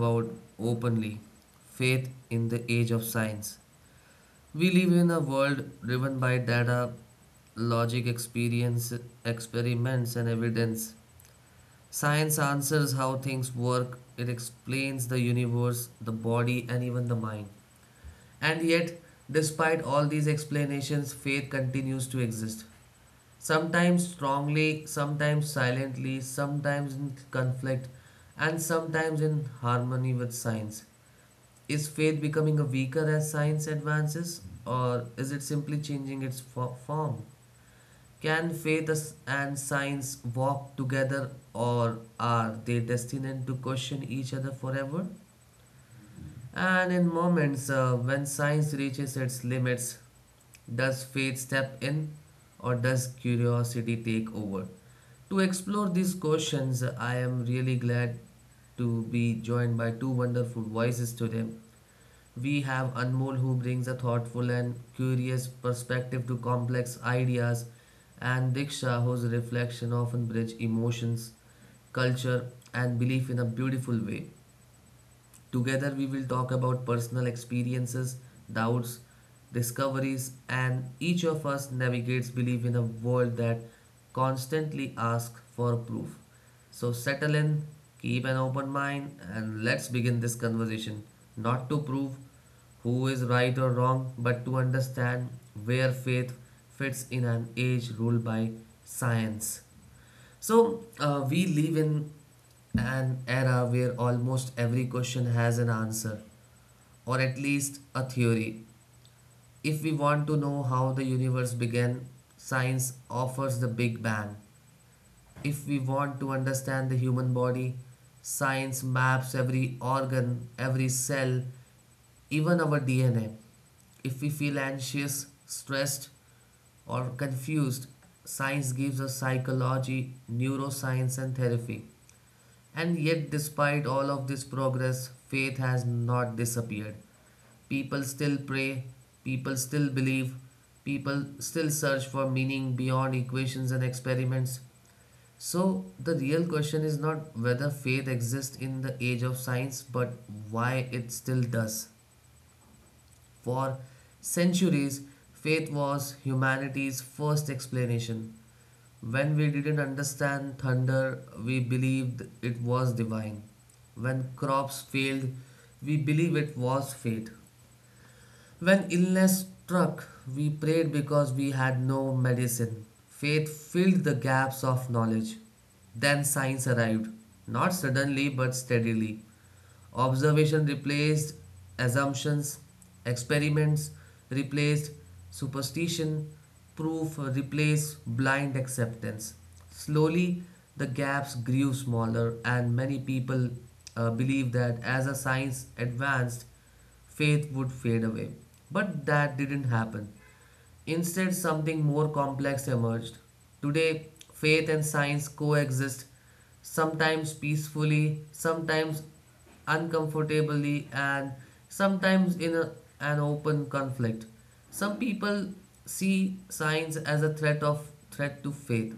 about openly: faith in the age of science. We live in a world driven by data, logic, experience, experiments, and evidence. Science answers how things work, it explains the universe, the body, and even the mind. And yet, despite all these explanations, faith continues to exist. Sometimes strongly, sometimes silently, sometimes in conflict, and sometimes in harmony with science. Is faith becoming weaker as science advances, or is it simply changing its form? Can faith and science walk together, or are they destined to question each other forever? And in moments when science reaches its limits, does faith step in or does curiosity take over? To explore these questions, I am really glad to be joined by two wonderful voices today. We have Anmol, who brings a thoughtful and curious perspective to complex ideas, and Diksha, whose reflection often bridge emotions, culture, and belief in a beautiful way. Together, we will talk about personal experiences, doubts, discoveries, and each of us navigates belief in a world that constantly asks for proof. So, settle in, keep an open mind, and let's begin this conversation not to prove who is right or wrong, but to understand where faith fits in an age ruled by science. So, we live in an era where almost every question has an answer, or at least a theory. If we want to know how the universe began, science offers the Big Bang. If we want to understand the human body, science maps every organ, every cell, even our DNA. If we feel anxious, stressed, or confused, science gives us psychology, neuroscience, and therapy. And yet, despite all of this progress, faith has not disappeared. People still pray, people still believe, people still search for meaning beyond equations and experiments. So, the real question is not whether faith exists in the age of science, but why it still does. For centuries, faith was humanity's first explanation. When we didn't understand thunder, we believed it was divine. When crops failed, we believed it was fate. When illness struck, we prayed because we had no medicine. Faith filled the gaps of knowledge. Then science arrived, not suddenly but steadily. Observation replaced assumptions, experiments replaced superstition, proof replaced blind acceptance. Slowly, the gaps grew smaller, and many people believe that as a science advanced, faith would fade away. But that didn't happen. Instead, something more complex emerged. Today, faith and science coexist, sometimes peacefully, sometimes uncomfortably, and sometimes in an open conflict. Some people see science as a threat of threat to faith.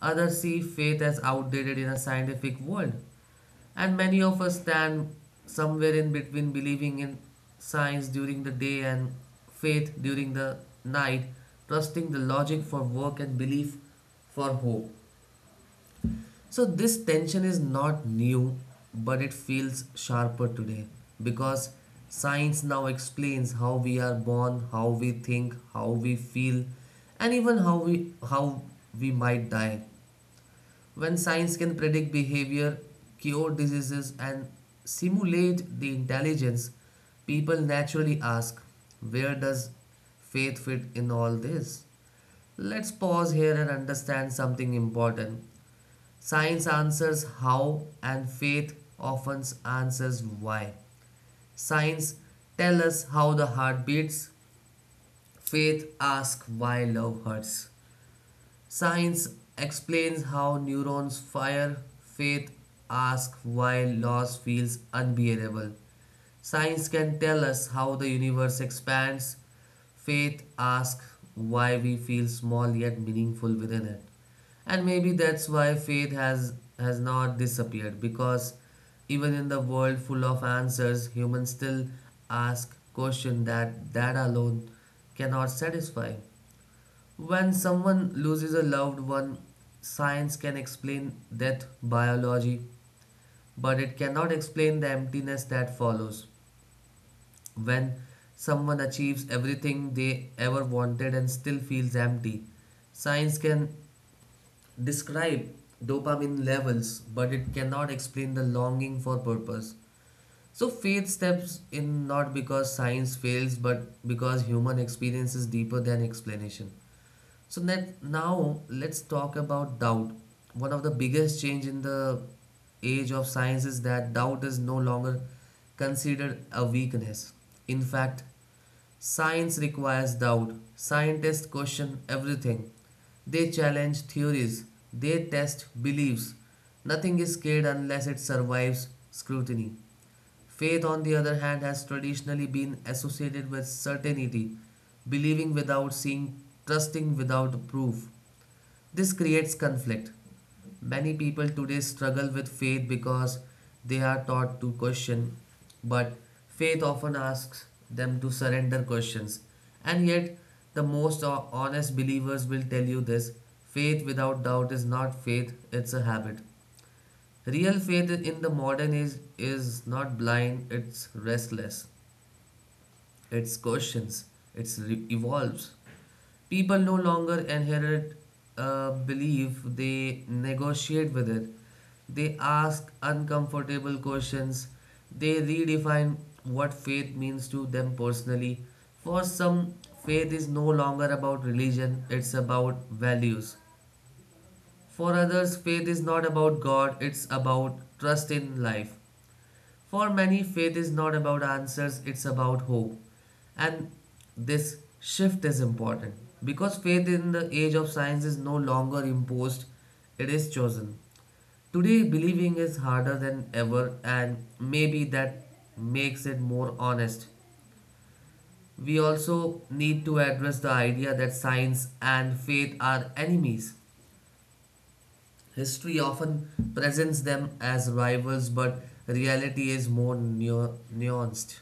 Others see faith as outdated in a scientific world. And many of us stand somewhere in between believing in science during the day and faith during the night, trusting the logic for work and belief for hope. So, this tension is not new, but it feels sharper today because science now explains how we are born, how we think, how we feel, and even how we might die. When science can predict behavior, cure diseases, and simulate the intelligence, people naturally ask, where does faith fit in all this? Let's pause here and understand something important. Science answers how, and faith often answers why. Science tells us how the heart beats, faith asks why love hurts. Science explains how neurons fire, faith asks why loss feels unbearable. Science can tell us how the universe expands, faith asks why we feel small yet meaningful within it. And maybe that's why faith has not disappeared because even in the world full of answers, humans still ask questions that that alone cannot satisfy. When someone loses a loved one, science can explain death biology, but it cannot explain the emptiness that follows. When someone achieves everything they ever wanted and still feels empty, science can describe dopamine levels, but it cannot explain the longing for purpose. So faith steps in not because science fails, but because human experience is deeper than explanation. So then now let's talk about doubt. One of the biggest change in the age of science is that doubt is no longer considered a weakness. In fact, science requires doubt. Scientists question everything. They challenge theories. They test beliefs. Nothing is scared unless it survives scrutiny. Faith, on the other hand, has traditionally been associated with certainty, believing without seeing, trusting without proof. This creates conflict. Many people today struggle with faith because they are taught to question, but faith often asks them to surrender questions. And yet, the most honest believers will tell you this: faith without doubt is not faith, it's a habit. Real faith in the modern age is not blind, it's restless, it's questions, it evolves. People no longer inherit a belief, they negotiate with it. They ask uncomfortable questions, they redefine what faith means to them personally. For some, faith is no longer about religion, it's about values. For others, faith is not about God, it's about trust in life. For many, faith is not about answers, it's about hope. And this shift is important because faith in the age of science is no longer imposed, it is chosen. Today, believing is harder than ever, and maybe that makes it more honest. We also need to address the idea that science and faith are enemies. History often presents them as rivals, but reality is more nuanced.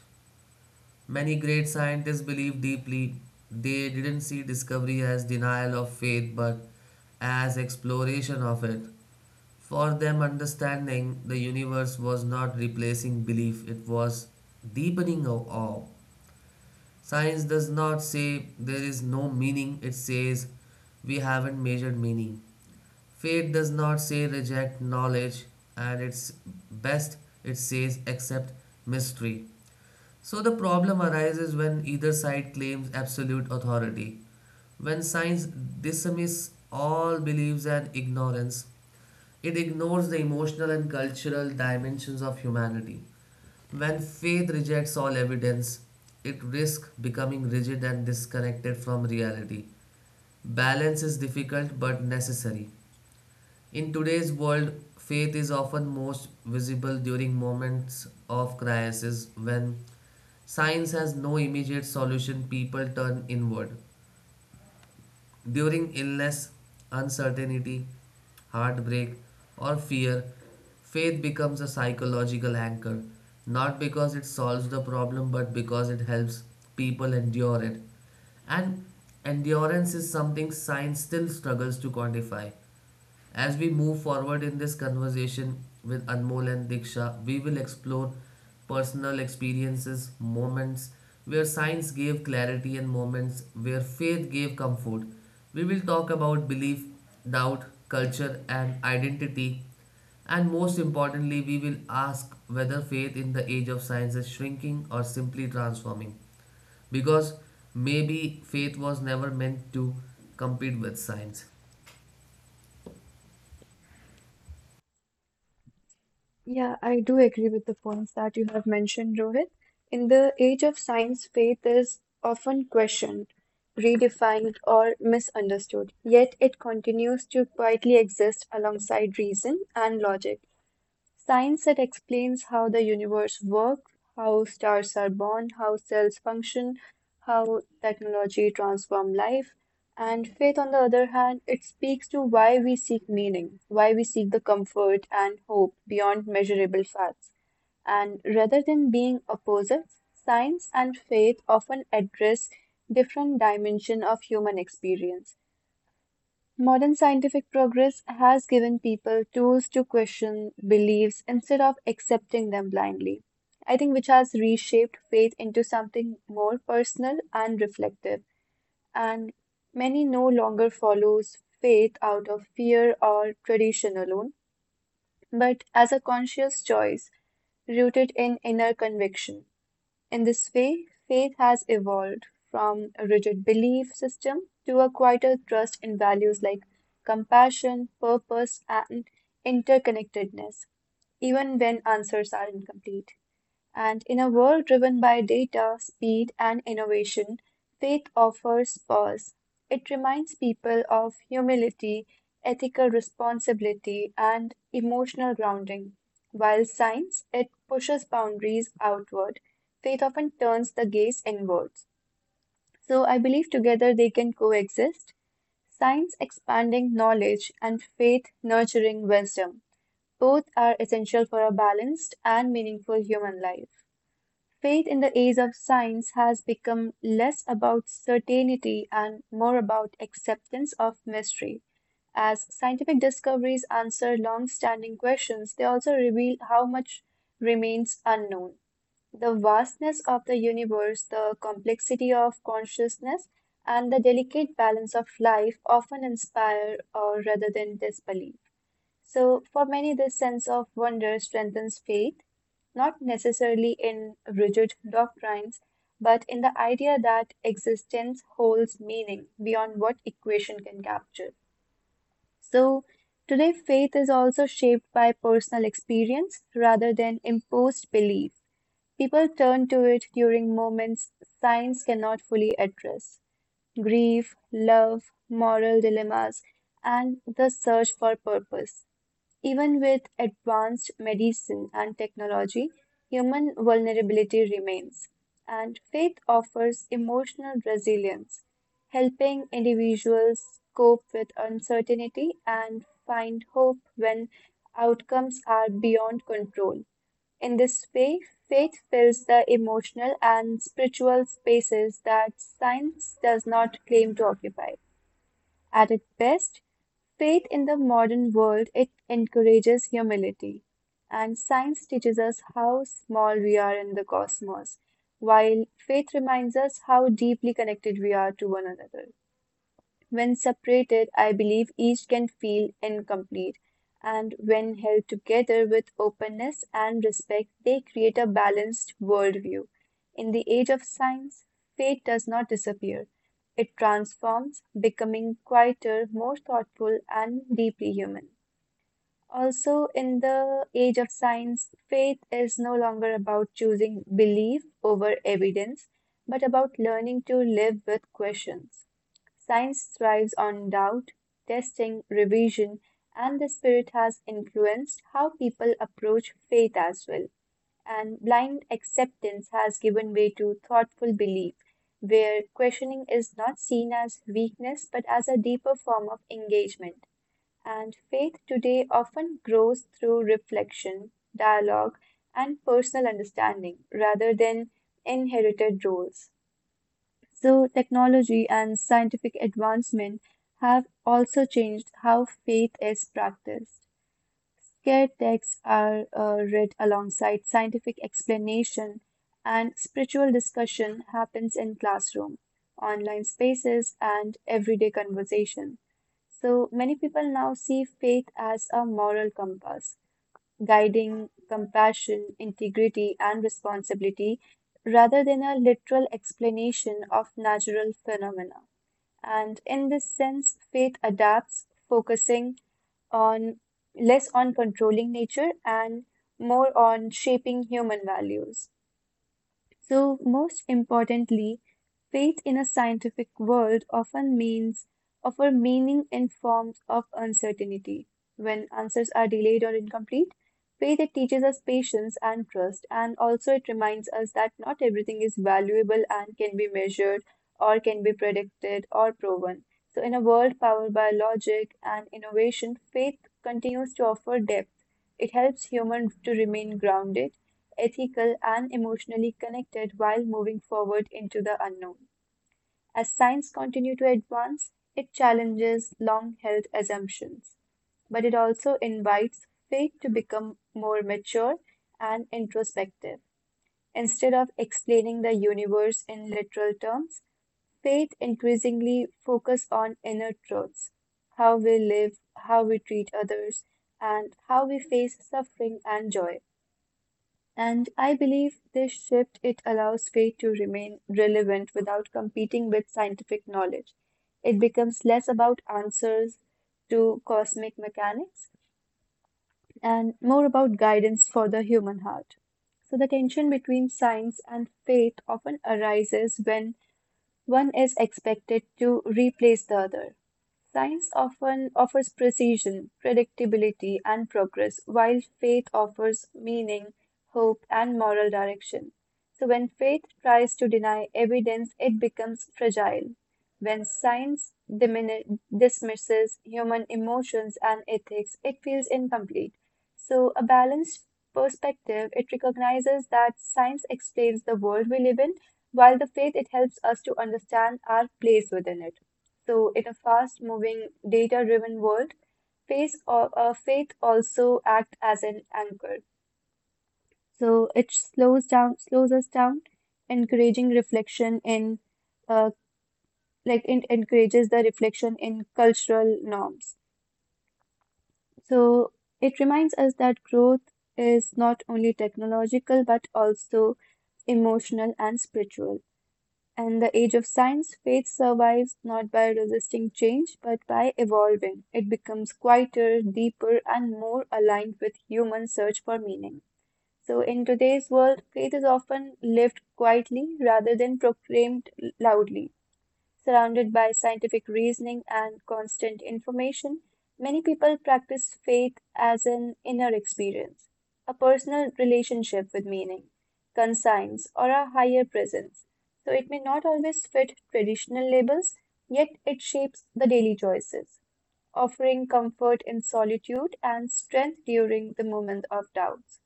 Many great scientists believed deeply. They didn't see discovery as denial of faith but as exploration of it. For them, understanding the universe was not replacing belief, it was deepening of awe. Science does not say there is no meaning, it says we haven't measured meaning. Faith does not say reject knowledge, and it's best it says accept mystery. So the problem arises when either side claims absolute authority. When science dismisses all beliefs and ignorance, it ignores the emotional and cultural dimensions of humanity. When faith rejects all evidence, it risks becoming rigid and disconnected from reality. Balance is difficult but necessary. In today's world, faith is often most visible during moments of crisis when science has no immediate solution, people turn inward. During illness, uncertainty, heartbreak, or fear, faith becomes a psychological anchor, not because it solves the problem, but because it helps people endure it. And endurance is something science still struggles to quantify. As we move forward in this conversation with Anmol and Diksha, we will explore personal experiences, moments where science gave clarity, and moments where faith gave comfort. We will talk about belief, doubt, culture, and identity. And most importantly, we will ask whether faith in the age of science is shrinking or simply transforming. Because maybe faith was never meant to compete with science. Yeah, I do agree with the points that you have mentioned, Rohit. In the age of science, faith is often questioned, redefined, or misunderstood, yet it continues to quietly exist alongside reason and logic. Science that explains how the universe works, how stars are born, how cells function, how technology transforms life. And faith, on the other hand, it speaks to why we seek meaning, why we seek the comfort and hope beyond measurable facts. And rather than being opposites, science and faith often address different dimension of human experience. Modern scientific progress has given people tools to question beliefs instead of accepting them blindly. I think which has reshaped faith into something more personal and reflective. And many no longer follows faith out of fear or tradition alone, but as a conscious choice rooted in inner conviction. In this way, faith has evolved from a rigid belief system to a quieter trust in values like compassion, purpose, and interconnectedness, even when answers are incomplete. And in a world driven by data, speed, and innovation, faith offers pause. It reminds people of humility, ethical responsibility, and emotional grounding. While science, it pushes boundaries outward. Faith often turns the gaze inwards. So I believe together they can coexist, science expanding knowledge and faith nurturing wisdom. Both are essential for a balanced and meaningful human life. Faith in the age of science has become less about certainty and more about acceptance of mystery. As scientific discoveries answer long-standing questions, they also reveal how much remains unknown. The vastness of the universe, the complexity of consciousness, and the delicate balance of life often inspire or rather than disbelief. So, for many, this sense of wonder strengthens faith, not necessarily in rigid doctrines, but in the idea that existence holds meaning beyond what equation can capture. So, today, faith is also shaped by personal experience rather than imposed belief. People turn to it during moments science cannot fully address grief, love, moral dilemmas, and the search for purpose. Even with advanced medicine and technology, human vulnerability remains, and faith offers emotional resilience, helping individuals cope with uncertainty and find hope when outcomes are beyond control. In this way, faith fills the emotional and spiritual spaces that science does not claim to occupy. At its best, faith in the modern world, it encourages humility. And science teaches us how small we are in the cosmos, while faith reminds us how deeply connected we are to one another. When separated, I believe each can feel incomplete. And when held together with openness and respect, they create a balanced worldview. In the age of science, faith does not disappear. It transforms, becoming quieter, more thoughtful, and deeply human. Also, in the age of science, faith is no longer about choosing belief over evidence, but about learning to live with questions. Science thrives on doubt, testing, revision, and the spirit has influenced how people approach faith as well. And blind acceptance has given way to thoughtful belief, where questioning is not seen as weakness but as a deeper form of engagement. And faith today often grows through reflection, dialogue, and personal understanding rather than inherited roles. So, technology and scientific advancement have also changed how faith is practiced. Care texts are read alongside scientific explanation, and spiritual discussion happens in classroom, online spaces, and everyday conversation. So, many people now see faith as a moral compass guiding compassion, integrity, and responsibility rather than a literal explanation of natural phenomena. And in this sense, faith adapts, focusing on less on controlling nature and more on shaping human values. So, most importantly, faith in a scientific world often means offer meaning in forms of uncertainty. When answers are delayed or incomplete, faith it teaches us patience and trust, and also it reminds us that not everything is valuable and can be measured or can be predicted or proven. So, in a world powered by logic and innovation, faith continues to offer depth. It helps humans to remain grounded ethical, and emotionally connected while moving forward into the unknown. As science continues to advance, it challenges long held assumptions, but it also invites faith to become more mature and introspective. Instead of explaining the universe in literal terms, faith increasingly focuses on inner truths, how we live, how we treat others, and how we face suffering and joy. And I believe this shift it allows faith to remain relevant without competing with scientific knowledge. It becomes less about answers to cosmic mechanics and more about guidance for the human heart. So the tension between science and faith often arises when one is expected to replace the other. Science often offers precision, predictability, and progress, while faith offers meaning, hope, and moral direction. So, when faith tries to deny evidence, it becomes fragile. When science dismisses human emotions and ethics, it feels incomplete. So, a balanced perspective, it recognizes that science explains the world we live in, while the faith, it helps us to understand our place within it. So, in a fast-moving, data-driven world, faith, faith also act as an anchor. So it slows down, slows us down, encouraging reflection in, uh, it encourages the reflection in cultural norms. So it reminds us that growth is not only technological but also emotional and spiritual. In the age of science, faith survives not by resisting change, but by evolving. It becomes quieter, deeper, and more aligned with human search for meaning. So, in today's world, faith is often lived quietly rather than proclaimed loudly. Surrounded by scientific reasoning and constant information, many people practice faith as an inner experience, a personal relationship with meaning, conscience, or a higher presence. So it may not always fit traditional labels, yet it shapes the daily choices, offering comfort in solitude and strength during the moment of doubts.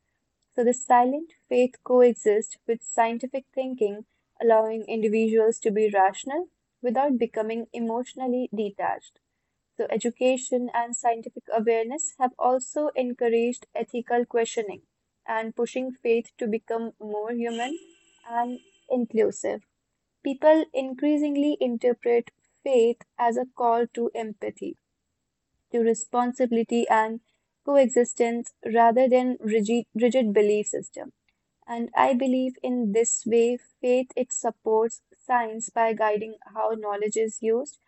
So the silent faith coexists with scientific thinking, allowing individuals to be rational without becoming emotionally detached. So education and scientific awareness have also encouraged ethical questioning and pushing faith to become more human and inclusive. People increasingly interpret faith as a call to empathy, to responsibility and coexistence rather than rigid belief system. And I believe in this way, faith it supports science by guiding how knowledge is used,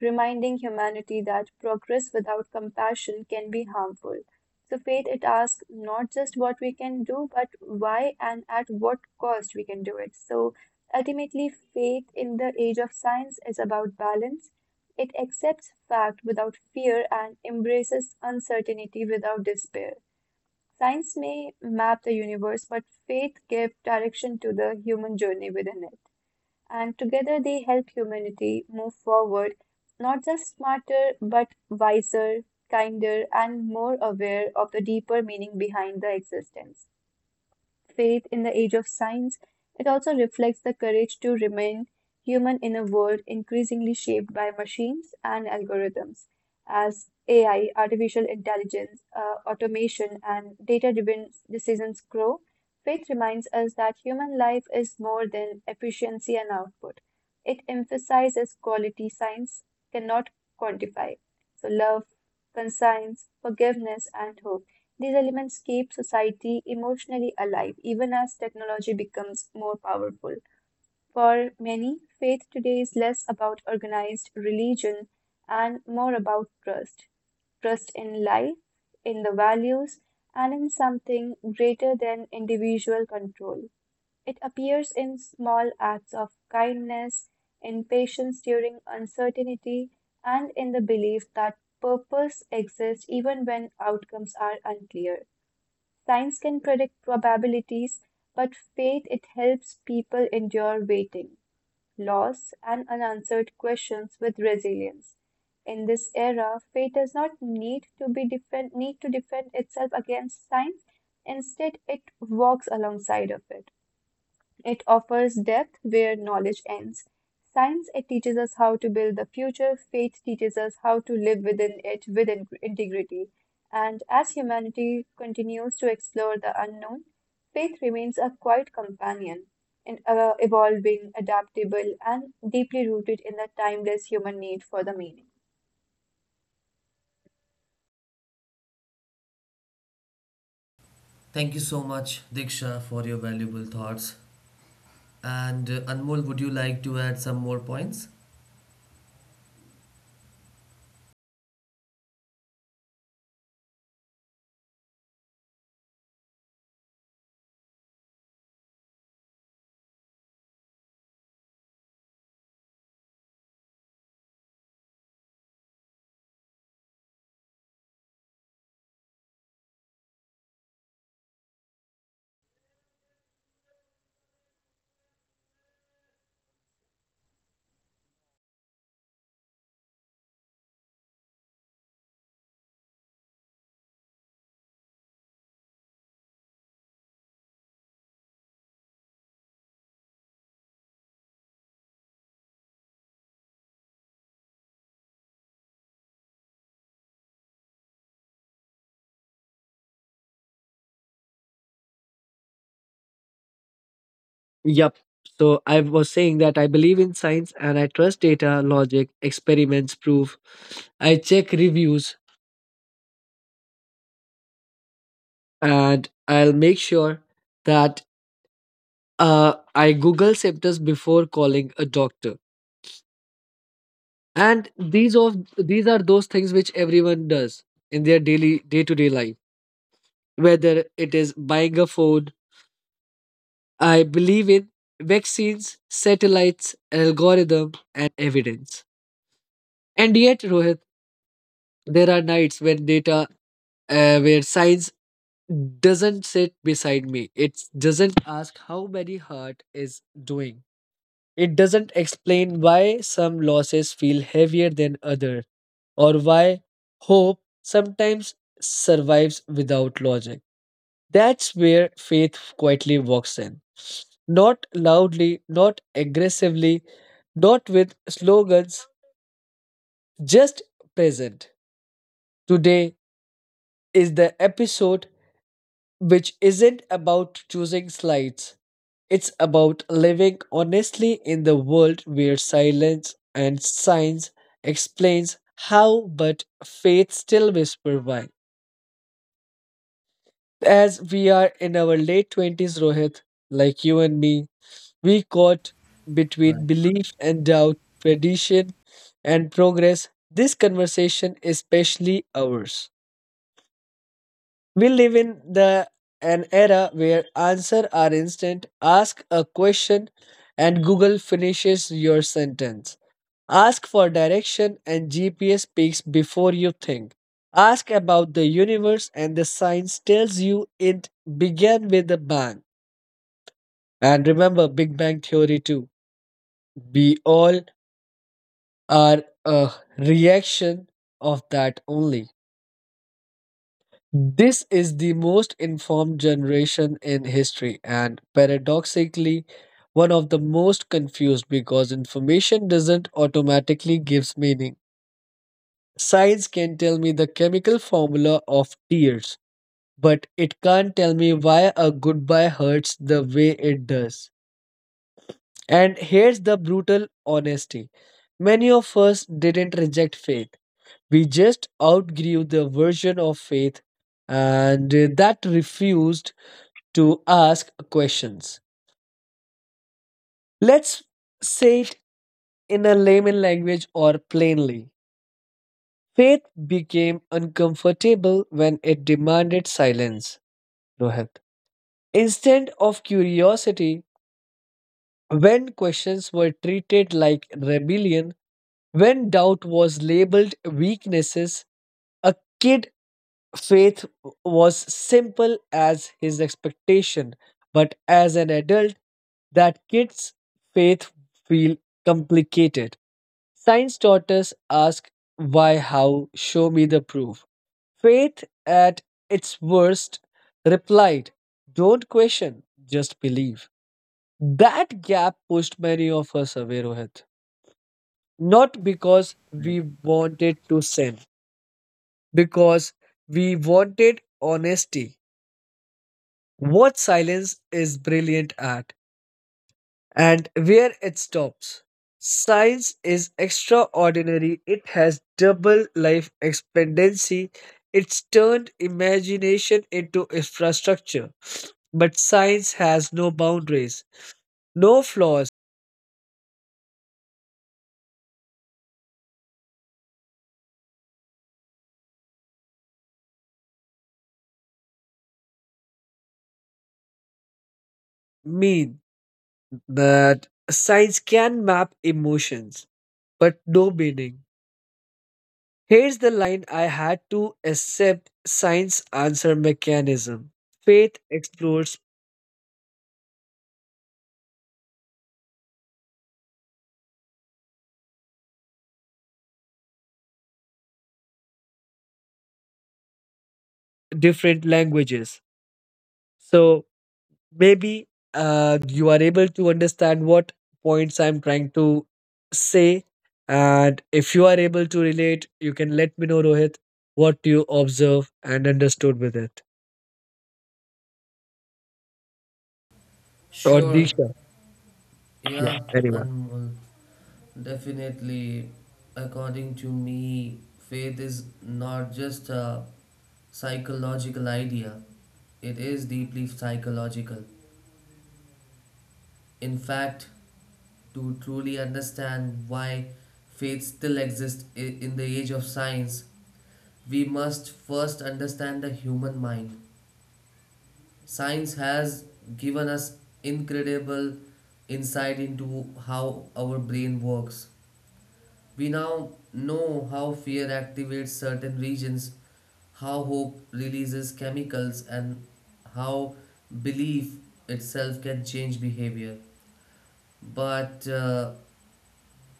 reminding humanity that progress without compassion can be harmful. So faith it asks not just what we can do, but why and at what cost we can do it. So ultimately, faith in the age of science is about balance. It accepts fact without fear and embraces uncertainty without despair. Science may map the universe, but faith gives direction to the human journey within it. And together they help humanity move forward, not just smarter, but wiser, kinder, and more aware of the deeper meaning behind the existence faith in the age of science, it also reflects the courage to remain human in a world increasingly shaped by machines and algorithms, as AI, artificial intelligence, automation, and data-driven decisions grow. Faith reminds us that human life is more than efficiency and output. It emphasizes quality science cannot quantify. So, love, conscience, forgiveness, and hope. These elements keep society emotionally alive, even as technology becomes more powerful. For many, faith today is less about organized religion and more about trust in life, in the values, and in something greater than individual control. It appears in small acts of kindness, in patience during uncertainty, and in the belief that purpose exists even when outcomes are unclear. Science can predict probabilities, but faith it helps people endure waiting, loss, and unanswered questions with resilience. In this era, faith does not need to defend itself against science. Instead, it walks alongside of it. It offers depth where knowledge ends. Science, it teaches us how to build the future. Faith teaches us how to live within it with integrity. And as humanity continues to explore the unknown, faith remains a quiet companion, evolving, adaptable, and deeply rooted in the timeless human need for the meaning. Thank you so much, Diksha, for your valuable thoughts. And Anmol, would you like to add some more points? Yep. So I was saying that I believe in science and I trust data, logic, experiments, proof. I check reviews and I'll make sure that I Google symptoms before calling a doctor. And these of these are those things which everyone does in their daily day to day life. Whether it is buying a phone, I believe in vaccines, satellites, algorithm, and evidence. And yet, Rohit, there are nights when data where science doesn't sit beside me. It doesn't ask how many heart is doing. It doesn't explain why some losses feel heavier than others, or why hope sometimes survives without logic. That's where faith quietly walks in. Not loudly, not aggressively, not with slogans, just present. Today is the episode which isn't about choosing slides. It's about living honestly in the world where silence and science explains how, but faith still whisper why. As we are in our late 20s, Rohit, like you and me, we caught between belief and doubt, tradition and progress. This conversation is especially ours. We live in the an era where answers are instant. Ask a question and Google finishes your sentence. Ask for direction and GPS speaks before you think. Ask about the universe and the science tells you it began with a bang. And remember Big Bang Theory too. We all are a reaction of that only. This is the most informed generation in history, and paradoxically, one of the most confused, because information doesn't automatically gives meaning. Science can tell me the chemical formula of tears, but it can't tell me why a goodbye hurts the way it does. And here's the brutal honesty: many of us didn't reject faith. We just outgrew the version of faith and that refused to ask questions. Let's say it in a layman language, or plainly: faith became uncomfortable when it demanded silence, Rohit. Instead of curiosity, when questions were treated like rebellion, when doubt was labeled weaknesses, a kid faith was simple as his expectation, but as an adult, that kids' faith feel complicated. Science taught us ask why, how, show me the proof. Faith at its worst replied, "Don't question, just believe." That gap pushed many of us away, Rohit. Not because we wanted to sin, because we wanted honesty. What silence is brilliant at and where it stops. Science is extraordinary, it has double life expectancy, it's turned imagination into infrastructure. But science has no boundaries, no flaws. Mean that science can map emotions, but no meaning. Here's the line I had to accept: science answer mechanism. Faith explores different languages. So maybe you are able to understand what points I'm trying to say. And if you are able to relate, you can let me know, Rohit, what you observe and understood with it. Or Sure. Disha. Yeah, Yeah, anyone. Anmol. Definitely, according to me, faith is not just a psychological idea, it is deeply psychological. In fact, to truly understand why faith still exists in the age of science, we must first understand the human mind. Science has given us incredible insight into how our brain works. We now know how fear activates certain regions, how hope releases chemicals, and how belief itself can change behavior. But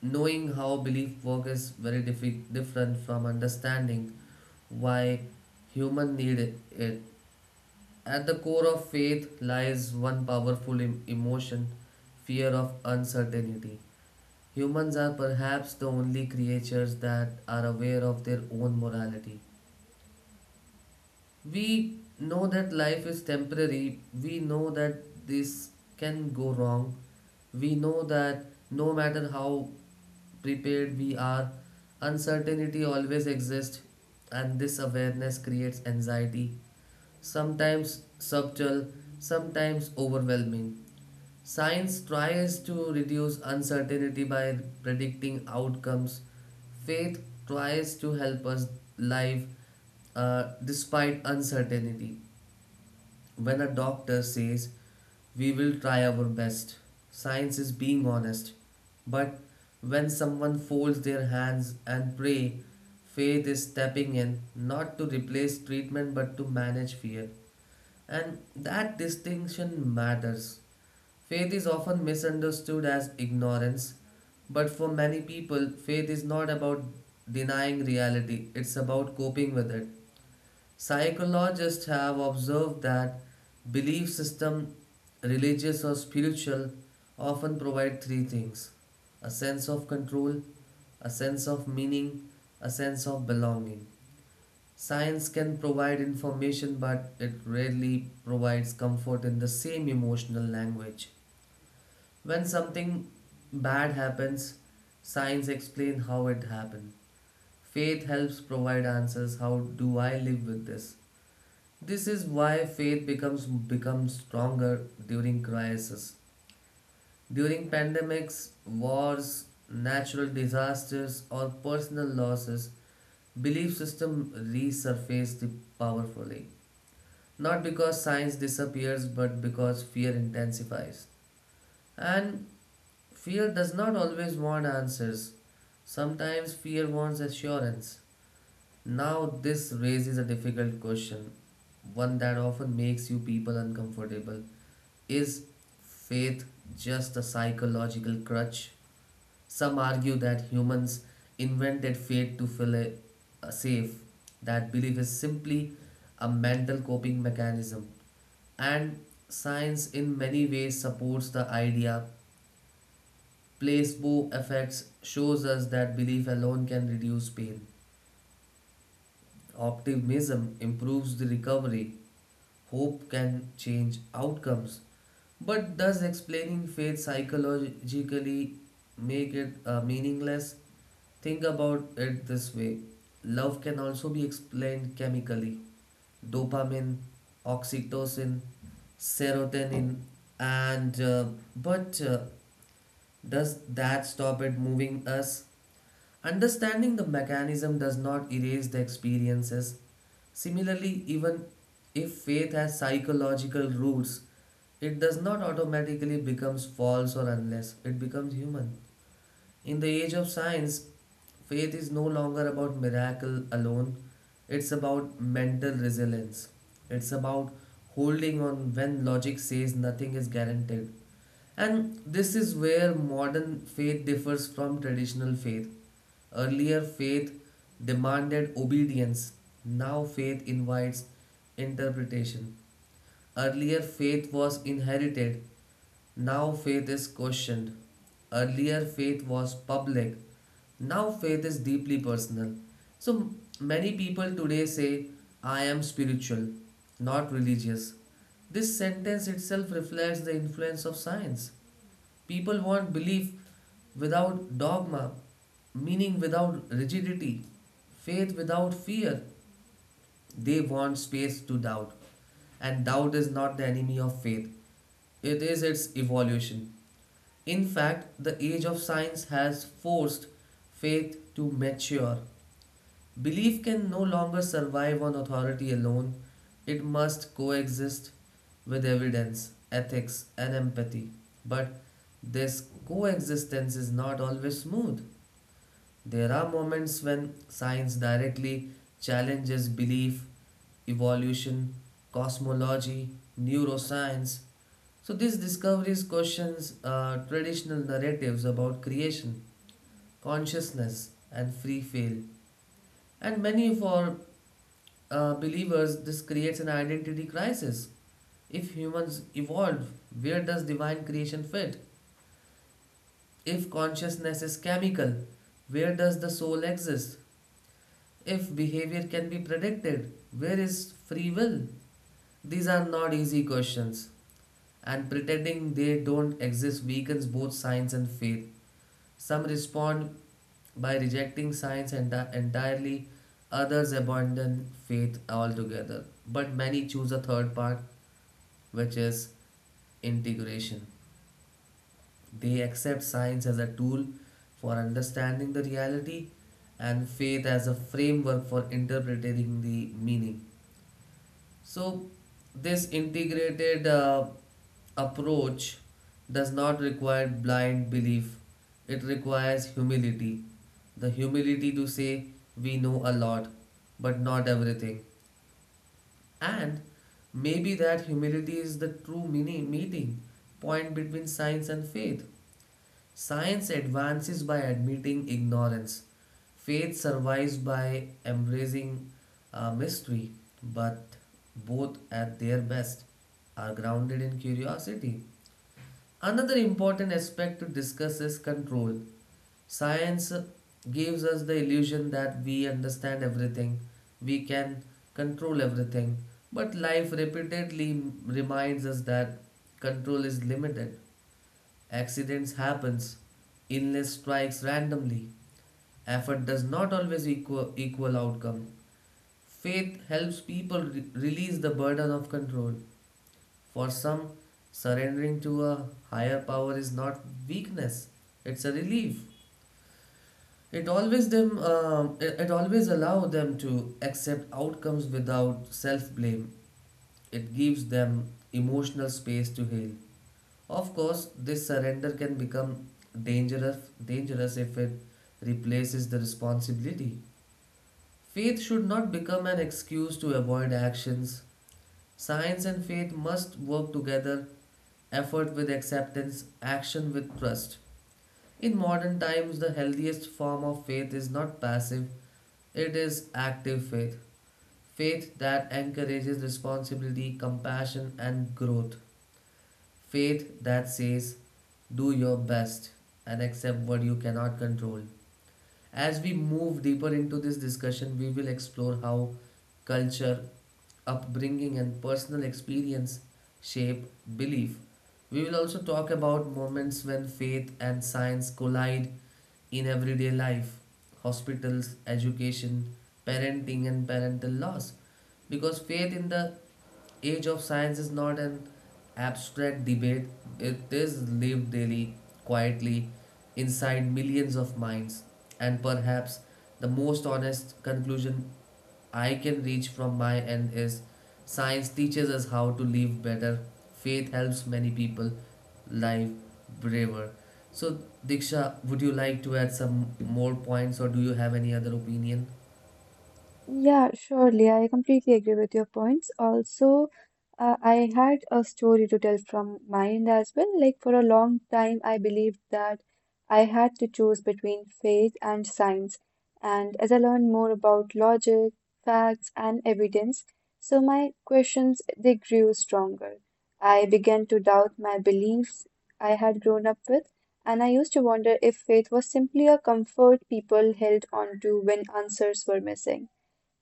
knowing how belief works is very different from understanding why human need it. At the core of faith lies one powerful emotion: fear of uncertainty. Humans are perhaps the only creatures that are aware of their own morality. We know that life is temporary, we know that this can go wrong, we know that no matter how prepared we are, uncertainty always exists, and this awareness creates anxiety, sometimes subtle, sometimes overwhelming. Science tries to reduce uncertainty by predicting outcomes. Faith tries to help us live despite uncertainty. When a doctor says, "We will try our best," science is being honest. But when someone folds their hands and pray, faith is stepping in, not to replace treatment but to manage fear. And that distinction matters. Faith is often misunderstood as ignorance, but for many people, faith is not about denying reality, it's about coping with it. Psychologists have observed that belief system, religious or spiritual, often provide three things: a sense of control, a sense of meaning, a sense of belonging. Science can provide information, but it rarely provides comfort in the same emotional language. When something bad happens, science explains how it happened. Faith helps provide answers. How do I live with this? This is why faith becomes stronger during crisis. During pandemics, wars, natural disasters, or personal losses, belief system resurface the powerfully. Not because science disappears, but because fear intensifies. And fear does not always want answers. Sometimes fear wants assurance. Now, this raises a difficult question, one that often makes you people uncomfortable. Is faith just a psychological crutch? Some argue that humans invented faith to feel a safe, that belief is simply a mental coping mechanism. And science, in many ways, supports the idea. Placebo effects shows us that belief alone can reduce pain. Optimism improves the recovery. Hope can change outcomes. But does explaining faith psychologically make it meaningless? Think about it this way: love can also be explained chemically. Dopamine, oxytocin, serotonin, and but does that stop it moving us? Understanding the mechanism does not erase the experiences. Similarly, even if faith has psychological roots, it does not automatically becomes false or unless it becomes human. In the age of science, faith is no longer about miracle alone. It's about mental resilience. It's about holding on when logic says nothing is guaranteed. And this is where modern faith differs from traditional faith. Earlier, faith demanded obedience. Now, faith invites interpretation. Earlier, faith was inherited. Now, faith is questioned. Earlier, faith was public. Now, faith is deeply personal. So, many people today say, I am spiritual, not religious. This sentence itself reflects the influence of science. People want belief without dogma, meaning without rigidity, faith without fear. They want space to doubt, and doubt is not the enemy of faith, it is its evolution. In fact, the age of science has forced faith to mature. Belief can no longer survive on authority alone, it must coexist with evidence, ethics, and empathy. But this coexistence is not always smooth. There are moments when science directly challenges belief, evolution, cosmology, neuroscience. So these discoveries questions traditional narratives about creation, consciousness, and free will, and many for believers, this creates an identity crisis. If humans evolve, where does divine creation fit? If consciousness is chemical, where does the soul exist? If behavior can be predicted, where is free will? These are not easy questions, and pretending they don't exist weakens both science and faith. Some respond by rejecting science entirely, others abandon faith altogether. But many choose a third path, which is integration. They accept science as a tool for understanding the reality and faith as a framework for interpreting the meaning. So, this integrated approach does not require blind belief, it requires humility. The humility to say, we know a lot, but not everything. And maybe that humility is the true meeting point between science and faith. Science advances by admitting ignorance. Faith survives by embracing mystery, but both at their best are grounded in curiosity. Another important aspect to discuss is control. Science gives us the illusion that we understand everything, we can control everything, but life repeatedly reminds us that control is limited. Accidents happens, illness strikes randomly. Effort does not always equal outcome. Faith helps people release the burden of control. For some, surrendering to a higher power is not weakness; it's a relief. It always allow them to accept outcomes without self blame. It gives them emotional space to heal. Of course, this surrender can become dangerous dangerous if it replaces the responsibility. Faith should not become an excuse to avoid actions. Science and faith must work together, effort with acceptance, action with trust. In modern times, the healthiest form of faith is not passive, it is active faith. Faith that encourages responsibility, compassion, and growth. Faith that says, do your best and accept what you cannot control. As we move deeper into this discussion, we will explore how culture, upbringing, and personal experience shape belief. We will also talk about moments when faith and science collide in everyday life, hospitals, education, parenting, and parental loss. Because faith in the age of science is not an abstract debate, it is lived daily, quietly, inside millions of minds. And perhaps the most honest conclusion I can reach from my end is science teaches us how to live better, faith helps many people live braver. So, Diksha, would you like to add some more points or do you have any other opinion? Yeah, surely. I completely agree with your points. Also, I had a story to tell from my end as well. Like, for a long time, I believed that I had to choose between faith and science. And as I learned more about logic, facts, and evidence, so my questions they grew stronger. I began to doubt my beliefs I had grown up with, and I used to wonder if faith was simply a comfort people held on to when answers were missing.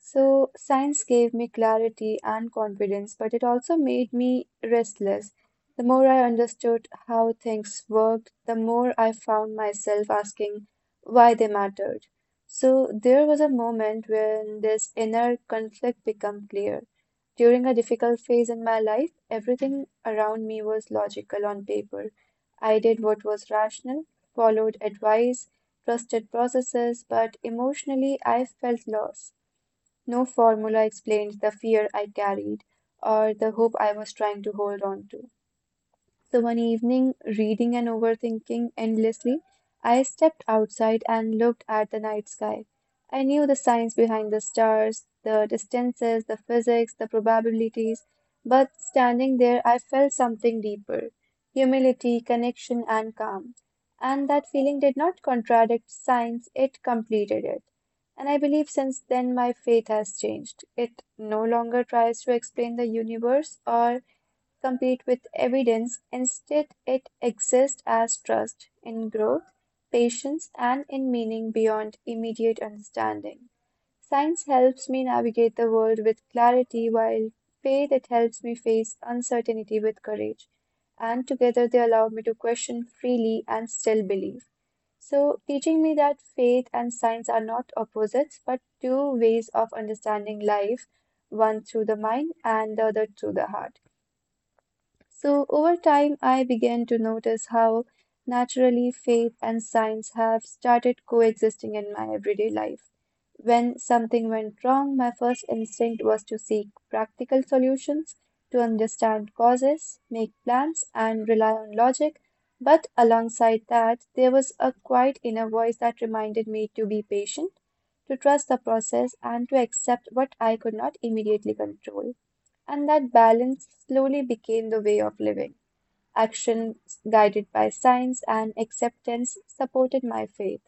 So, science gave me clarity and confidence, but it also made me restless. The more I understood how things worked, the more I found myself asking why they mattered. So, there was a moment when this inner conflict became clear. During a difficult phase in my life, everything around me was logical on paper. I did what was rational, followed advice, trusted processes, but emotionally I felt lost. No formula explained the fear I carried or the hope I was trying to hold on to. So one evening, reading and overthinking endlessly, I stepped outside and looked at the night sky. I knew the science behind the stars, the distances, the physics, the probabilities, but standing there, I felt something deeper: humility, connection, and calm. And that feeling did not contradict science, it completed it. And I believe since then my faith has changed. It no longer tries to explain the universe or compete with evidence. Instead, it exists as trust in growth, patience, and in meaning beyond immediate understanding. Science helps me navigate the world with clarity, while faith it helps me face uncertainty with courage. And together they allow me to question freely and still believe. So, teaching me that faith and science are not opposites, but two ways of understanding life, one through the mind and the other through the heart. So, over time, I began to notice how naturally faith and science have started coexisting in my everyday life. When something went wrong, my first instinct was to seek practical solutions, to understand causes, make plans, and rely on logic. But alongside that, there was a quiet inner voice that reminded me to be patient, to trust the process, and to accept what I could not immediately control. And that balance slowly became the way of living. Action guided by science and acceptance supported my faith.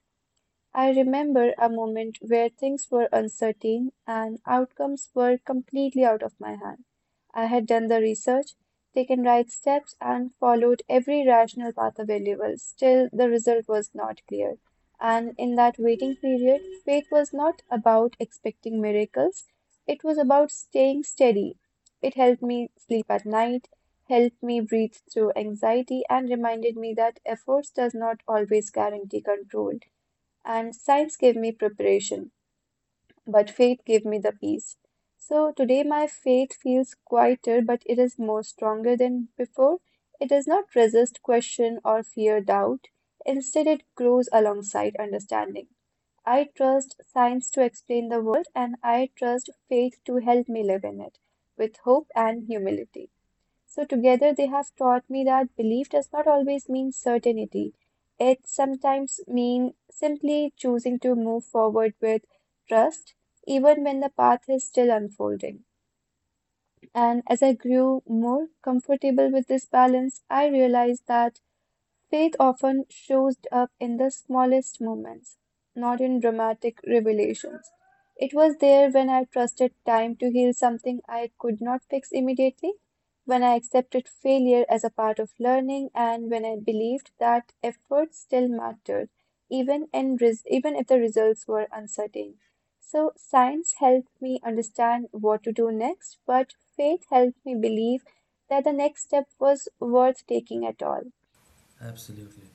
I remember a moment where things were uncertain and outcomes were completely out of my hand. I had done the research, taken right steps, and followed every rational path available. Still, the result was not clear. And in that waiting period, faith was not about expecting miracles, it was about staying steady. It helped me sleep at night, helped me breathe through anxiety, and reminded me that efforts does not always guarantee control and sites gave me preparation, but faith gave me the peace. So today my faith feels quieter, but it is more stronger than before. It does not resist question or fear doubt. Instead, it grows alongside understanding. I trust science to explain the world, and I trust faith to help me live in it with hope and humility. So, together they have taught me that belief does not always mean certainty. It sometimes means simply choosing to move forward with trust, even when the path is still unfolding. And as I grew more comfortable with this balance, I realized that faith often shows up in the smallest moments, not in dramatic revelations. It was there when I trusted time to heal something I could not fix immediately, when I accepted failure as a part of learning, and when I believed that effort still mattered, even if the results were uncertain. So science helped me understand what to do next, but faith helped me believe that the next step was worth taking at all. Absolutely.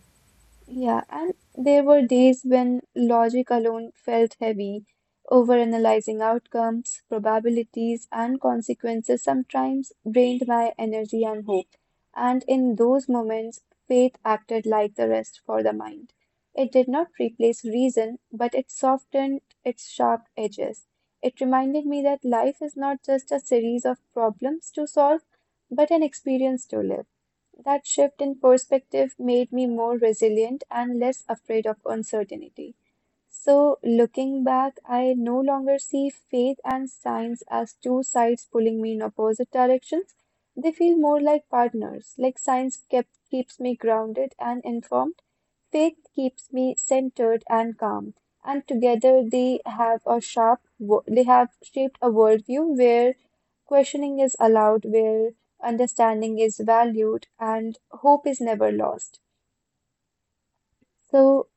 Yeah, and there were days when logic alone felt heavy, overanalyzing outcomes, probabilities, and consequences sometimes drained my energy and hope. And in those moments, faith acted like the rest for the mind. It did not replace reason, but it softened its sharp edges. It reminded me that life is not just a series of problems to solve, but an experience to live. That shift in perspective made me more resilient and less afraid of uncertainty. So, looking back, I no longer see faith and science as two sides pulling me in opposite directions. They feel more like partners, like keeps me grounded and informed, faith keeps me centered and calm. And together they have they have shaped a worldview where questioning is allowed, where understanding is valued, and hope is never lost. So,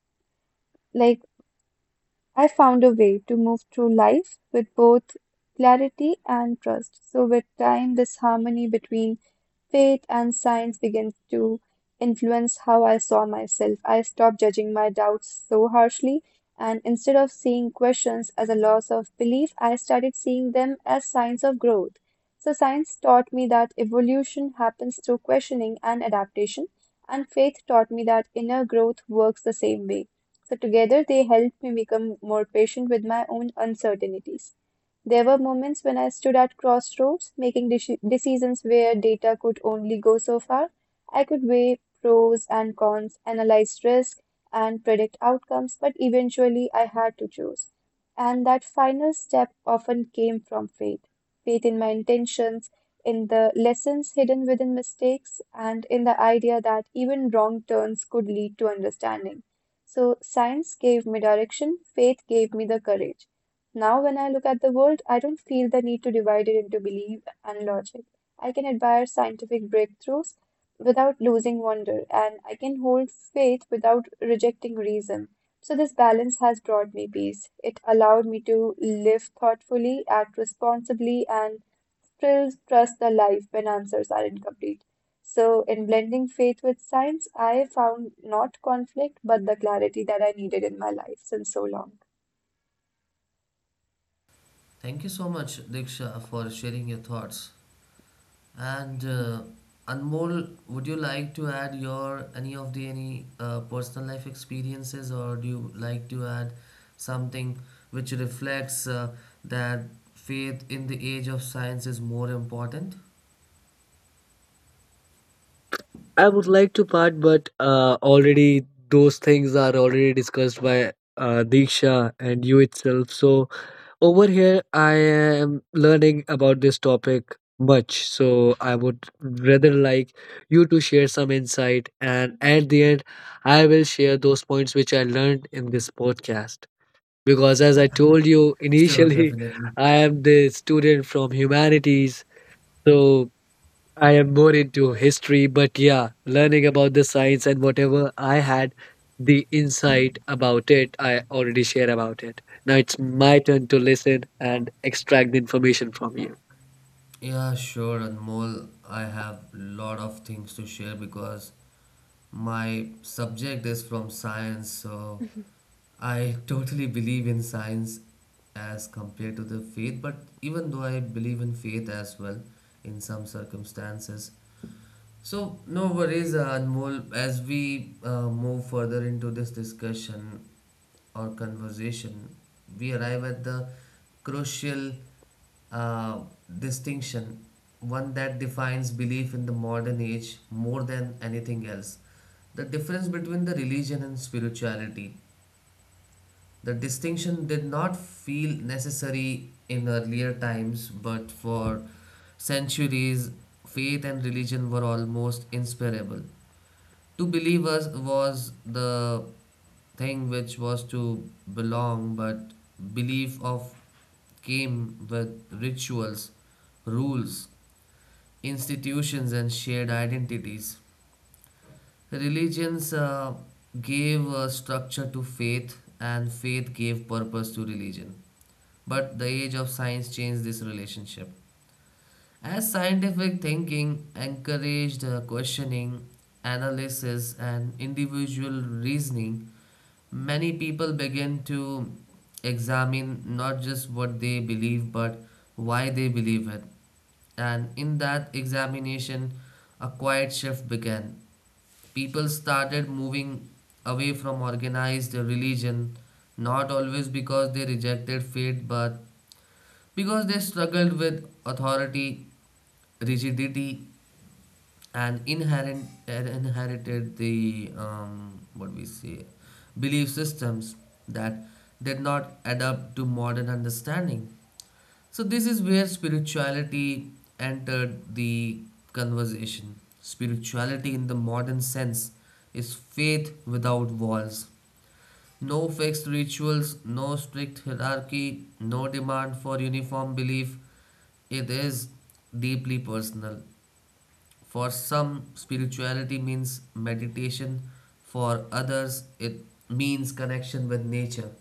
like, I found a way to move through life with both clarity and trust. So, with time, this harmony between faith and science begins to influence how I saw myself. I stopped judging my doubts so harshly, and instead of seeing questions as a loss of belief, I started seeing them as signs of growth. So, science taught me that evolution happens through questioning and adaptation, and faith taught me that inner growth works the same way. So together they helped me become more patient with my own uncertainties. There were moments when I stood at crossroads, decisions where data could only go so far. I could weigh pros and cons, analyze risk, and predict outcomes, but eventually I had to choose. And that final step often came from faith in my intentions, in the lessons hidden within mistakes, and in the idea that even wrong turns could lead to understanding. So science gave me direction, faith gave me the courage. Now, when I look at the world, I don't feel the need to divide it into belief and logic. I can admire scientific breakthroughs without losing wonder, and I can hold faith without rejecting reason. So, this balance has brought me peace. It allowed me to live thoughtfully, act responsibly, and still trust the life when answers are incomplete. So, in blending faith with science, I found not conflict, but the clarity that I needed in my life since so long. Thank you so much, Diksha, for sharing your thoughts. And Anmol, would you like to add your any of the any personal life experiences, or do you like to add something which reflects that faith in the age of science is more important? I would like to part, but already those things are already discussed by Diksha and you itself. So over here, I am learning about this topic much. So I would rather like you to share some insight, and at the end, I will share those points which I learned in this podcast. Because as I told you Sure, initially, definitely. I am the student from humanities. So I am more into history, but yeah, learning about the science and whatever I had the insight about it, I already share about it. Now it's my turn to listen and extract the information from you. Yeah, sure, Anmol. I have lot of things to share because my subject is from science, so I totally believe in science as compared to the faith, but even though I believe in faith as well in some circumstances, so, no worries, Anmol. As we move further into this discussion or conversation, we arrive at the crucial uh, distinction, one that defines belief in the modern age more than anything else. The difference between the religion and spirituality. The distinction did not feel necessary in earlier times, but for centuries, faith and religion were almost inseparable. To believers was the thing which was to belong, but belief of came with rituals, rules, institutions, and shared identities. Religions gave structure to faith, and faith gave purpose to religion. But the age of science changed this relationship. As scientific thinking encouraged questioning, analysis, and individual reasoning, many people began to examine not just what they believe but why they believe it. And in that examination, a quiet shift began. People started moving away from organized religion, not always because they rejected faith, but because they struggled with authority, rigidity, and inherent inherited the what we say belief systems that did not adapt to modern understanding. So this is where spirituality entered the conversation. Spirituality in the modern sense is faith without walls. No fixed rituals, no strict hierarchy, no demand for uniform belief. It is deeply personal. For some, spirituality means meditation. For others, it means connection with nature.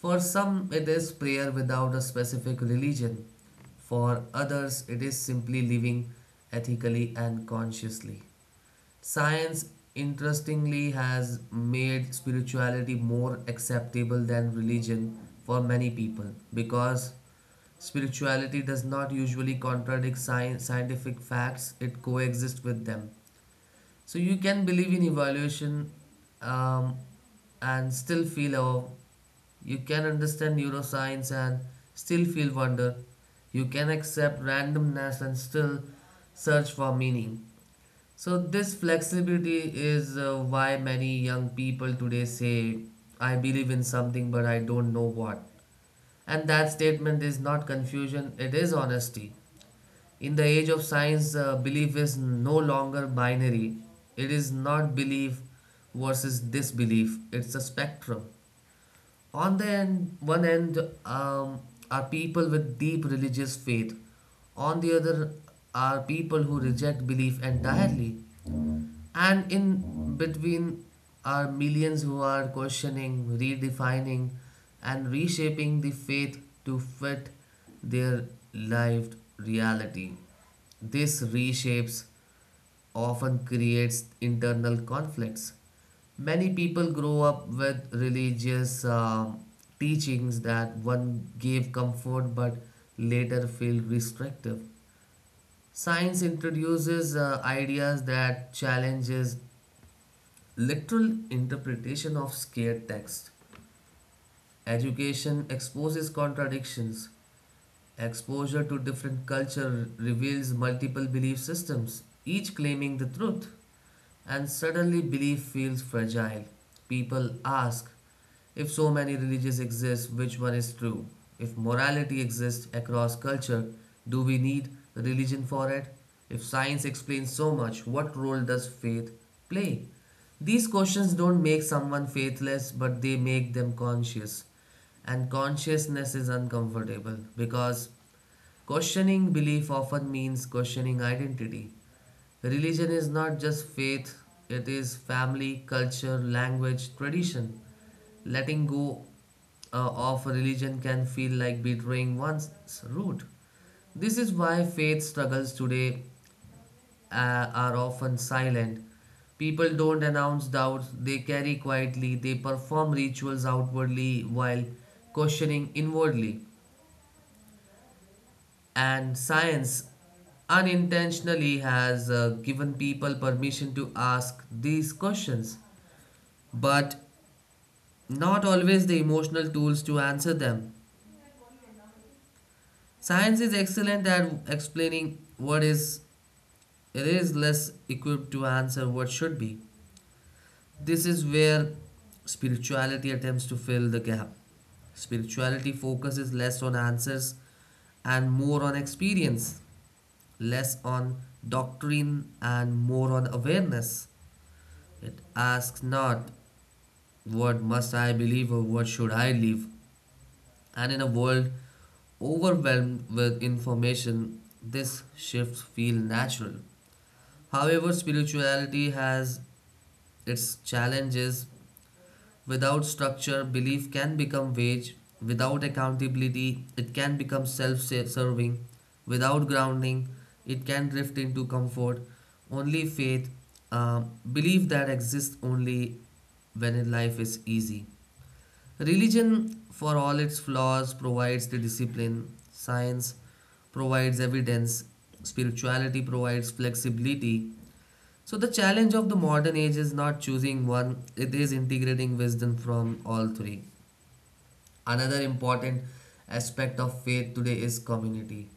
For some, it is prayer without a specific religion. For others, it is simply living ethically and consciously. Science, interestingly, has made spirituality more acceptable than religion for many people because spirituality does not usually contradict scientific facts, it coexists with them. So you can believe in evaluation um, and still feel awe. You can understand neuroscience and still feel wonder. You can accept randomness and still search for meaning. So this flexibility is why many young people today say, I believe in something but I don't know what. And that statement is not confusion, it is honesty. In the age of science, belief is no longer binary. It is not belief versus disbelief, it's a spectrum. On one end um, are people with deep religious faith. On the other are people who reject belief entirely. And in between are millions who are questioning, redefining, and reshaping the faith to fit their lived reality. This reshapes often creates internal conflicts. Many people grow up with religious teachings that one gave comfort but later feel restrictive. Science introduces ideas that challenges literal interpretation of sacred text. Education exposes contradictions. Exposure to different culture reveals multiple belief systems, each claiming the truth, and suddenly belief feels fragile. People ask, if so many religions exist, which one is true? If morality exists across culture, do we need religion for it? If science explains so much, what role does faith play? These questions don't make someone faithless, but they make them conscious and consciousness is uncomfortable because questioning belief often means questioning identity. Religion is not just faith, it is family, culture, language, tradition. Letting go of religion can feel like betraying one's root. This is why faith struggles today are often silent. People don't announce doubts, they carry quietly, they perform rituals outwardly while questioning inwardly. And science unintentionally has given people permission to ask these questions, but not always the emotional tools to answer them. Science is excellent at explaining what is, it is less equipped to answer what should be. This is where spirituality attempts to fill the gap. Spirituality focuses less on answers and more on experience, less on doctrine and more on awareness. It asks not what must I believe or what should I live. And in a world overwhelmed with information, this shifts feel natural. However, spirituality has its challenges. Without structure, belief can become vague. Without accountability, it can become self serving. Without grounding, it can drift into comfort. Only faith, belief that exists only when in life is easy. Religion, for all its flaws, provides the discipline. Science provides evidence. Spirituality provides flexibility. So the challenge of the modern age is not choosing one, it is integrating wisdom from all three. Another important aspect of faith today is community.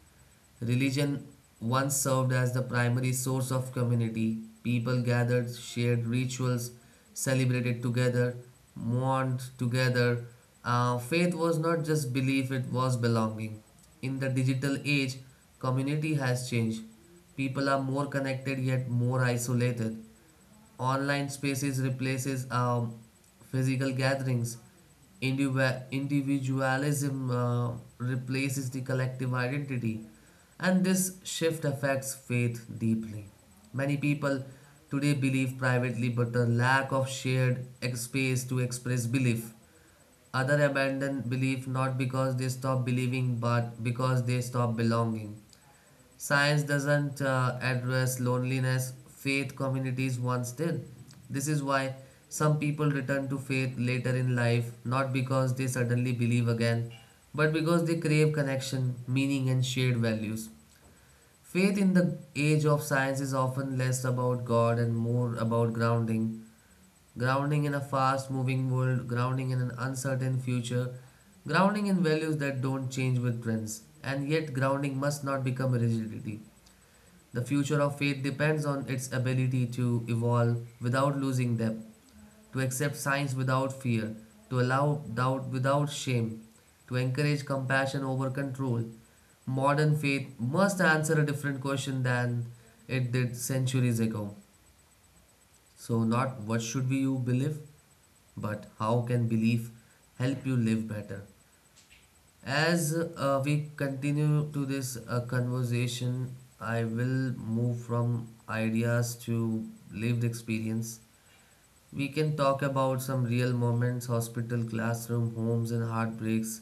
Religion once served as the primary source of community. People gathered, shared rituals, celebrated together, mourned together. Faith was not just belief, it was belonging. In the digital age, community has changed. People are more connected yet more isolated. Online spaces replaces physical gatherings. Individualism replaces the collective identity. And this shift affects faith deeply. Many people today believe privately, but a lack of shared space to express belief. Other abandon belief not because they stop believing, but because they stop belonging. Science doesn't address loneliness, faith communities once did. This is why some people return to faith later in life, not because they suddenly believe again, but because they crave connection, meaning, and shared values. Faith in the age of science is often less about God and more about grounding. Grounding in a fast moving world, grounding in an uncertain future, grounding in values that don't change with trends. And yet, grounding must not become rigidity. The future of faith depends on its ability to evolve without losing depth, to accept signs without fear, to allow doubt without shame, to encourage compassion over control. Modern faith must answer a different question than it did centuries ago. So, not what should we you believe, but how can belief help you live better? As we continue to this conversation, I will move from ideas to lived experience. We can talk about some real moments hospital, classroom, homes, and heartbreaks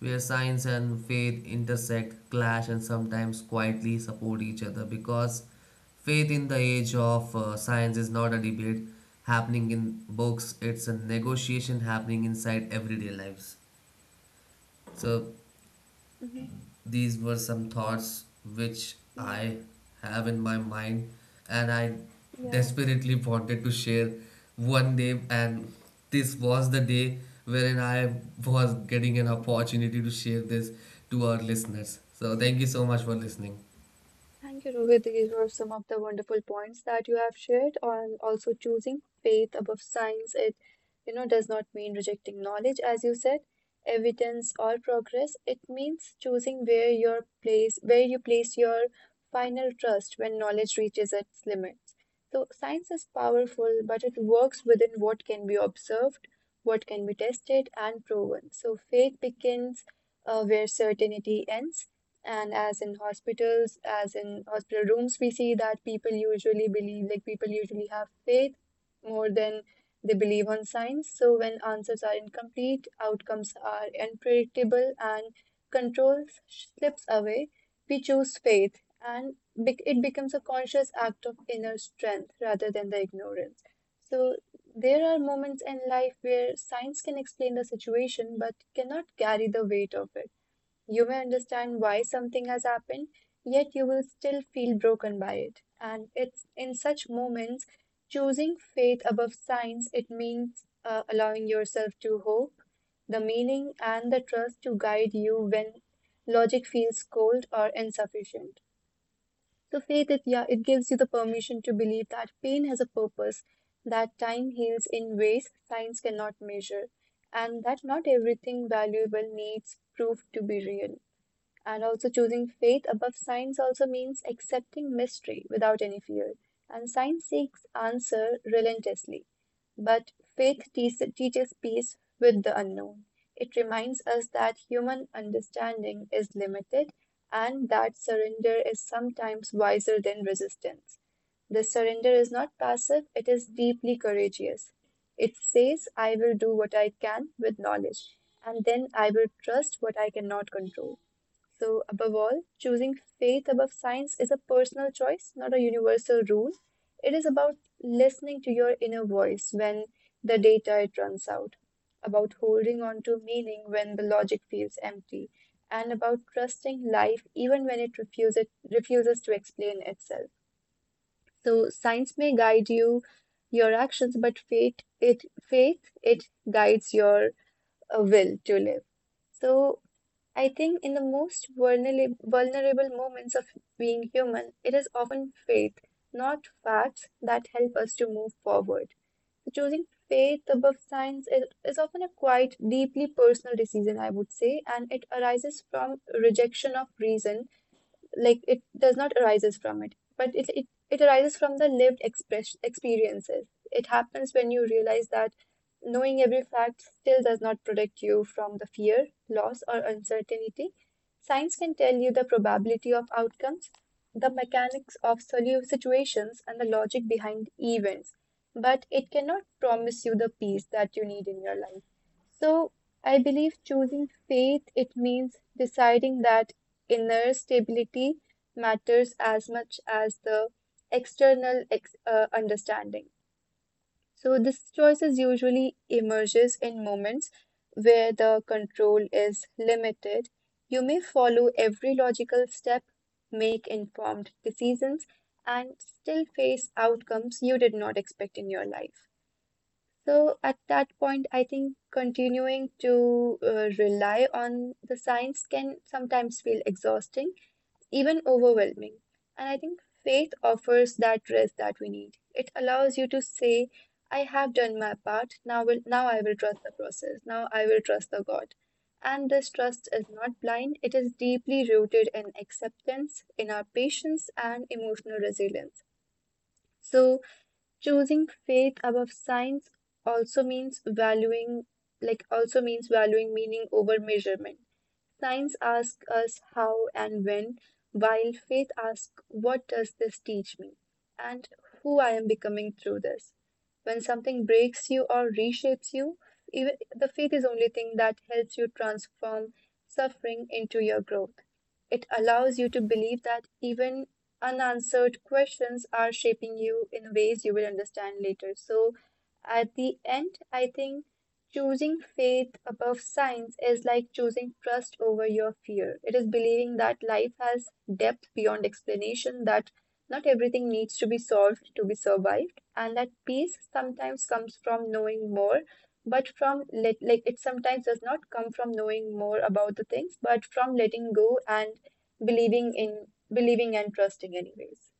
where science and faith intersect, clash, and sometimes quietly support each other because faith in the age of science is not a debate happening in books, it's a negotiation happening inside everyday lives. So, Mm-hmm. these were some thoughts which I have in my mind, and I Yeah. desperately wanted to share one day. And this was the day wherein I was getting an opportunity to share this to our listeners. So, thank you so much for listening. Thank you, Rohit. These were some of the wonderful points that you have shared on also choosing faith above science. It, does not mean rejecting knowledge, as you said, evidence or progress. It means choosing where your place, where you place your final trust when knowledge reaches its limits. So science is powerful, but it works within what can be observed, what can be tested and proven. So faith begins where certainty ends, and as in hospitals, as in hospital rooms, we see that people usually believe, like people usually have faith more than they believe on science. So when answers are incomplete, outcomes are unpredictable, and control slips away, we choose faith and it becomes a conscious act of inner strength rather than the ignorance. So there are moments in life where science can explain the situation but cannot carry the weight of it. You may understand why something has happened, yet you will still feel broken by it. And it's in such moments, choosing faith above science, it means allowing yourself to hope, the meaning, and the trust to guide you when logic feels cold or insufficient. So faith, it, yeah, it gives you the permission to believe that pain has a purpose, that time heals in ways science cannot measure, and that not everything valuable needs proof to be real. And also choosing faith above science also means accepting mystery without any fear. And science seeks answer relentlessly, but teaches peace with the unknown. It reminds us that human understanding is limited and that surrender is sometimes wiser than resistance. The surrender is not passive, it is deeply courageous. It says, I will do what I can with knowledge, and then I will trust what I cannot control. So, above all, choosing faith above science is a personal choice, not a universal rule. It is about listening to your inner voice when the data it runs out, about holding on to meaning when the logic feels empty, and about trusting life even when it refuses to explain itself. So, science may guide you your actions, but faith it guides your will to live. So, I think in the most vulnerable moments of being human, it is often faith, not facts, that help us to move forward. So choosing faith above science is often a quite deeply personal decision, I would say, and it arises from rejection of reason, like it does not arises from it, but it arises from the lived express experiences. It happens when you realize that knowing every fact still does not protect you from the fear loss or uncertainty. Science can tell you the probability of outcomes, the mechanics of situations, and the logic behind events, but it cannot promise you the peace that you need in your life. So I believe choosing faith, it means deciding that inner stability matters as much as the external ex understanding. So this choices usually emerges in moments where the control is limited. You may follow every logical step, make informed decisions, and still face outcomes you did not expect in your life. So at that point, I think continuing to rely on the science can sometimes feel exhausting, even overwhelming. And I think faith offers that rest that we need. It allows you to say, I have done my part. Now I will trust the process. Now I will trust the God. And this trust is not blind, it is deeply rooted in acceptance, in our patience and emotional resilience. So choosing faith above science also means valuing like also means valuing meaning over measurement. Science asks us how and when, while faith asks, what does this teach me, and who I am becoming through this. When something breaks you or reshapes you, even the faith is the only thing that helps you transform suffering into your growth. It allows you to believe that even unanswered questions are shaping you in ways you will understand later. So at the end, I think choosing faith above science is like choosing trust over your fear. It is believing that life has depth beyond explanation, that not everything needs to be solved to be survived, and that peace sometimes comes from knowing more, but from let, like it sometimes does not come from knowing more about the things, but from letting go and believing in believing and trusting anyways.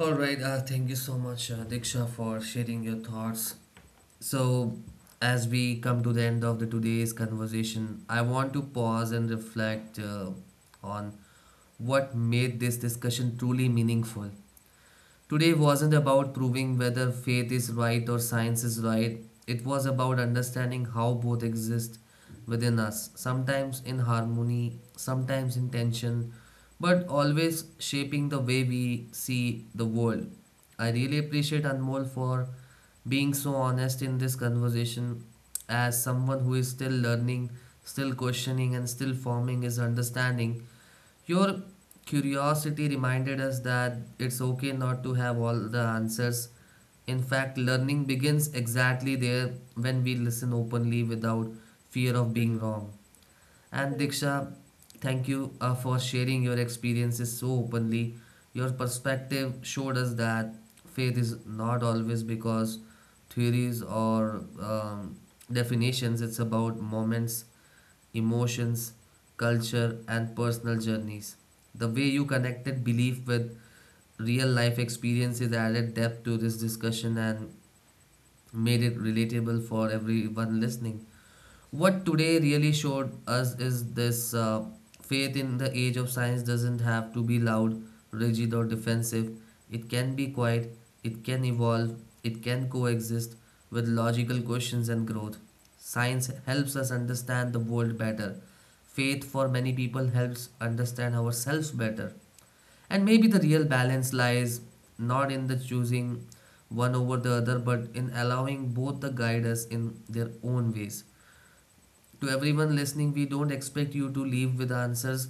All right, thank you so much, Diksha, for sharing your thoughts. So, as we come to the end of the today's conversation, I want to pause and reflect on what made this discussion truly meaningful. Today wasn't about proving whether faith is right or science is right. It was about understanding how both exist within us, sometimes in harmony, sometimes in tension, but always shaping the way we see the world. I really appreciate Anmol for being so honest in this conversation as someone who is still learning, still questioning, and still forming his understanding. Your curiosity reminded us that it's okay not to have all the answers. In fact, learning begins exactly there when we listen openly without fear of being Mm-hmm. wrong. And Correct. Diksha, thank you for sharing your experiences so openly. Your perspective showed us that faith is not always because theories or definitions, it's about moments emotions, culture, and personal journeys. The way you connected belief with real life experiences added depth to this discussion and made it relatable for everyone listening. What today really showed us is this faith in the age of science doesn't have to be loud, rigid, or defensive. It can be quiet, it can evolve, it can coexist with logical questions and growth. Science helps us understand the world better. Faith for many people helps understand ourselves better. And maybe the real balance lies not in the choosing one over the other, but in allowing both to guide us in their own ways. To everyone listening, we don't expect you to leave with answers.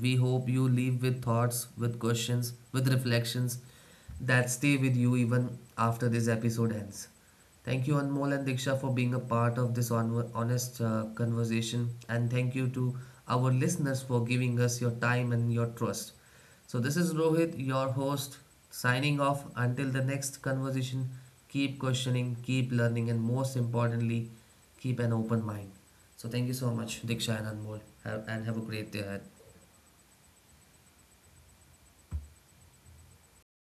We hope you leave with thoughts, with questions, with reflections that stay with you even after this episode ends. Thank you, Anmol and Diksha, for being a part of this honest conversation. And thank you to our listeners for giving us your time and your trust. So, this is Rohit, your host, signing off. Until the next conversation, keep questioning, keep learning, and most importantly, keep an open mind. So, thank you so much, Diksha and Anmol, have, and have a great day ahead.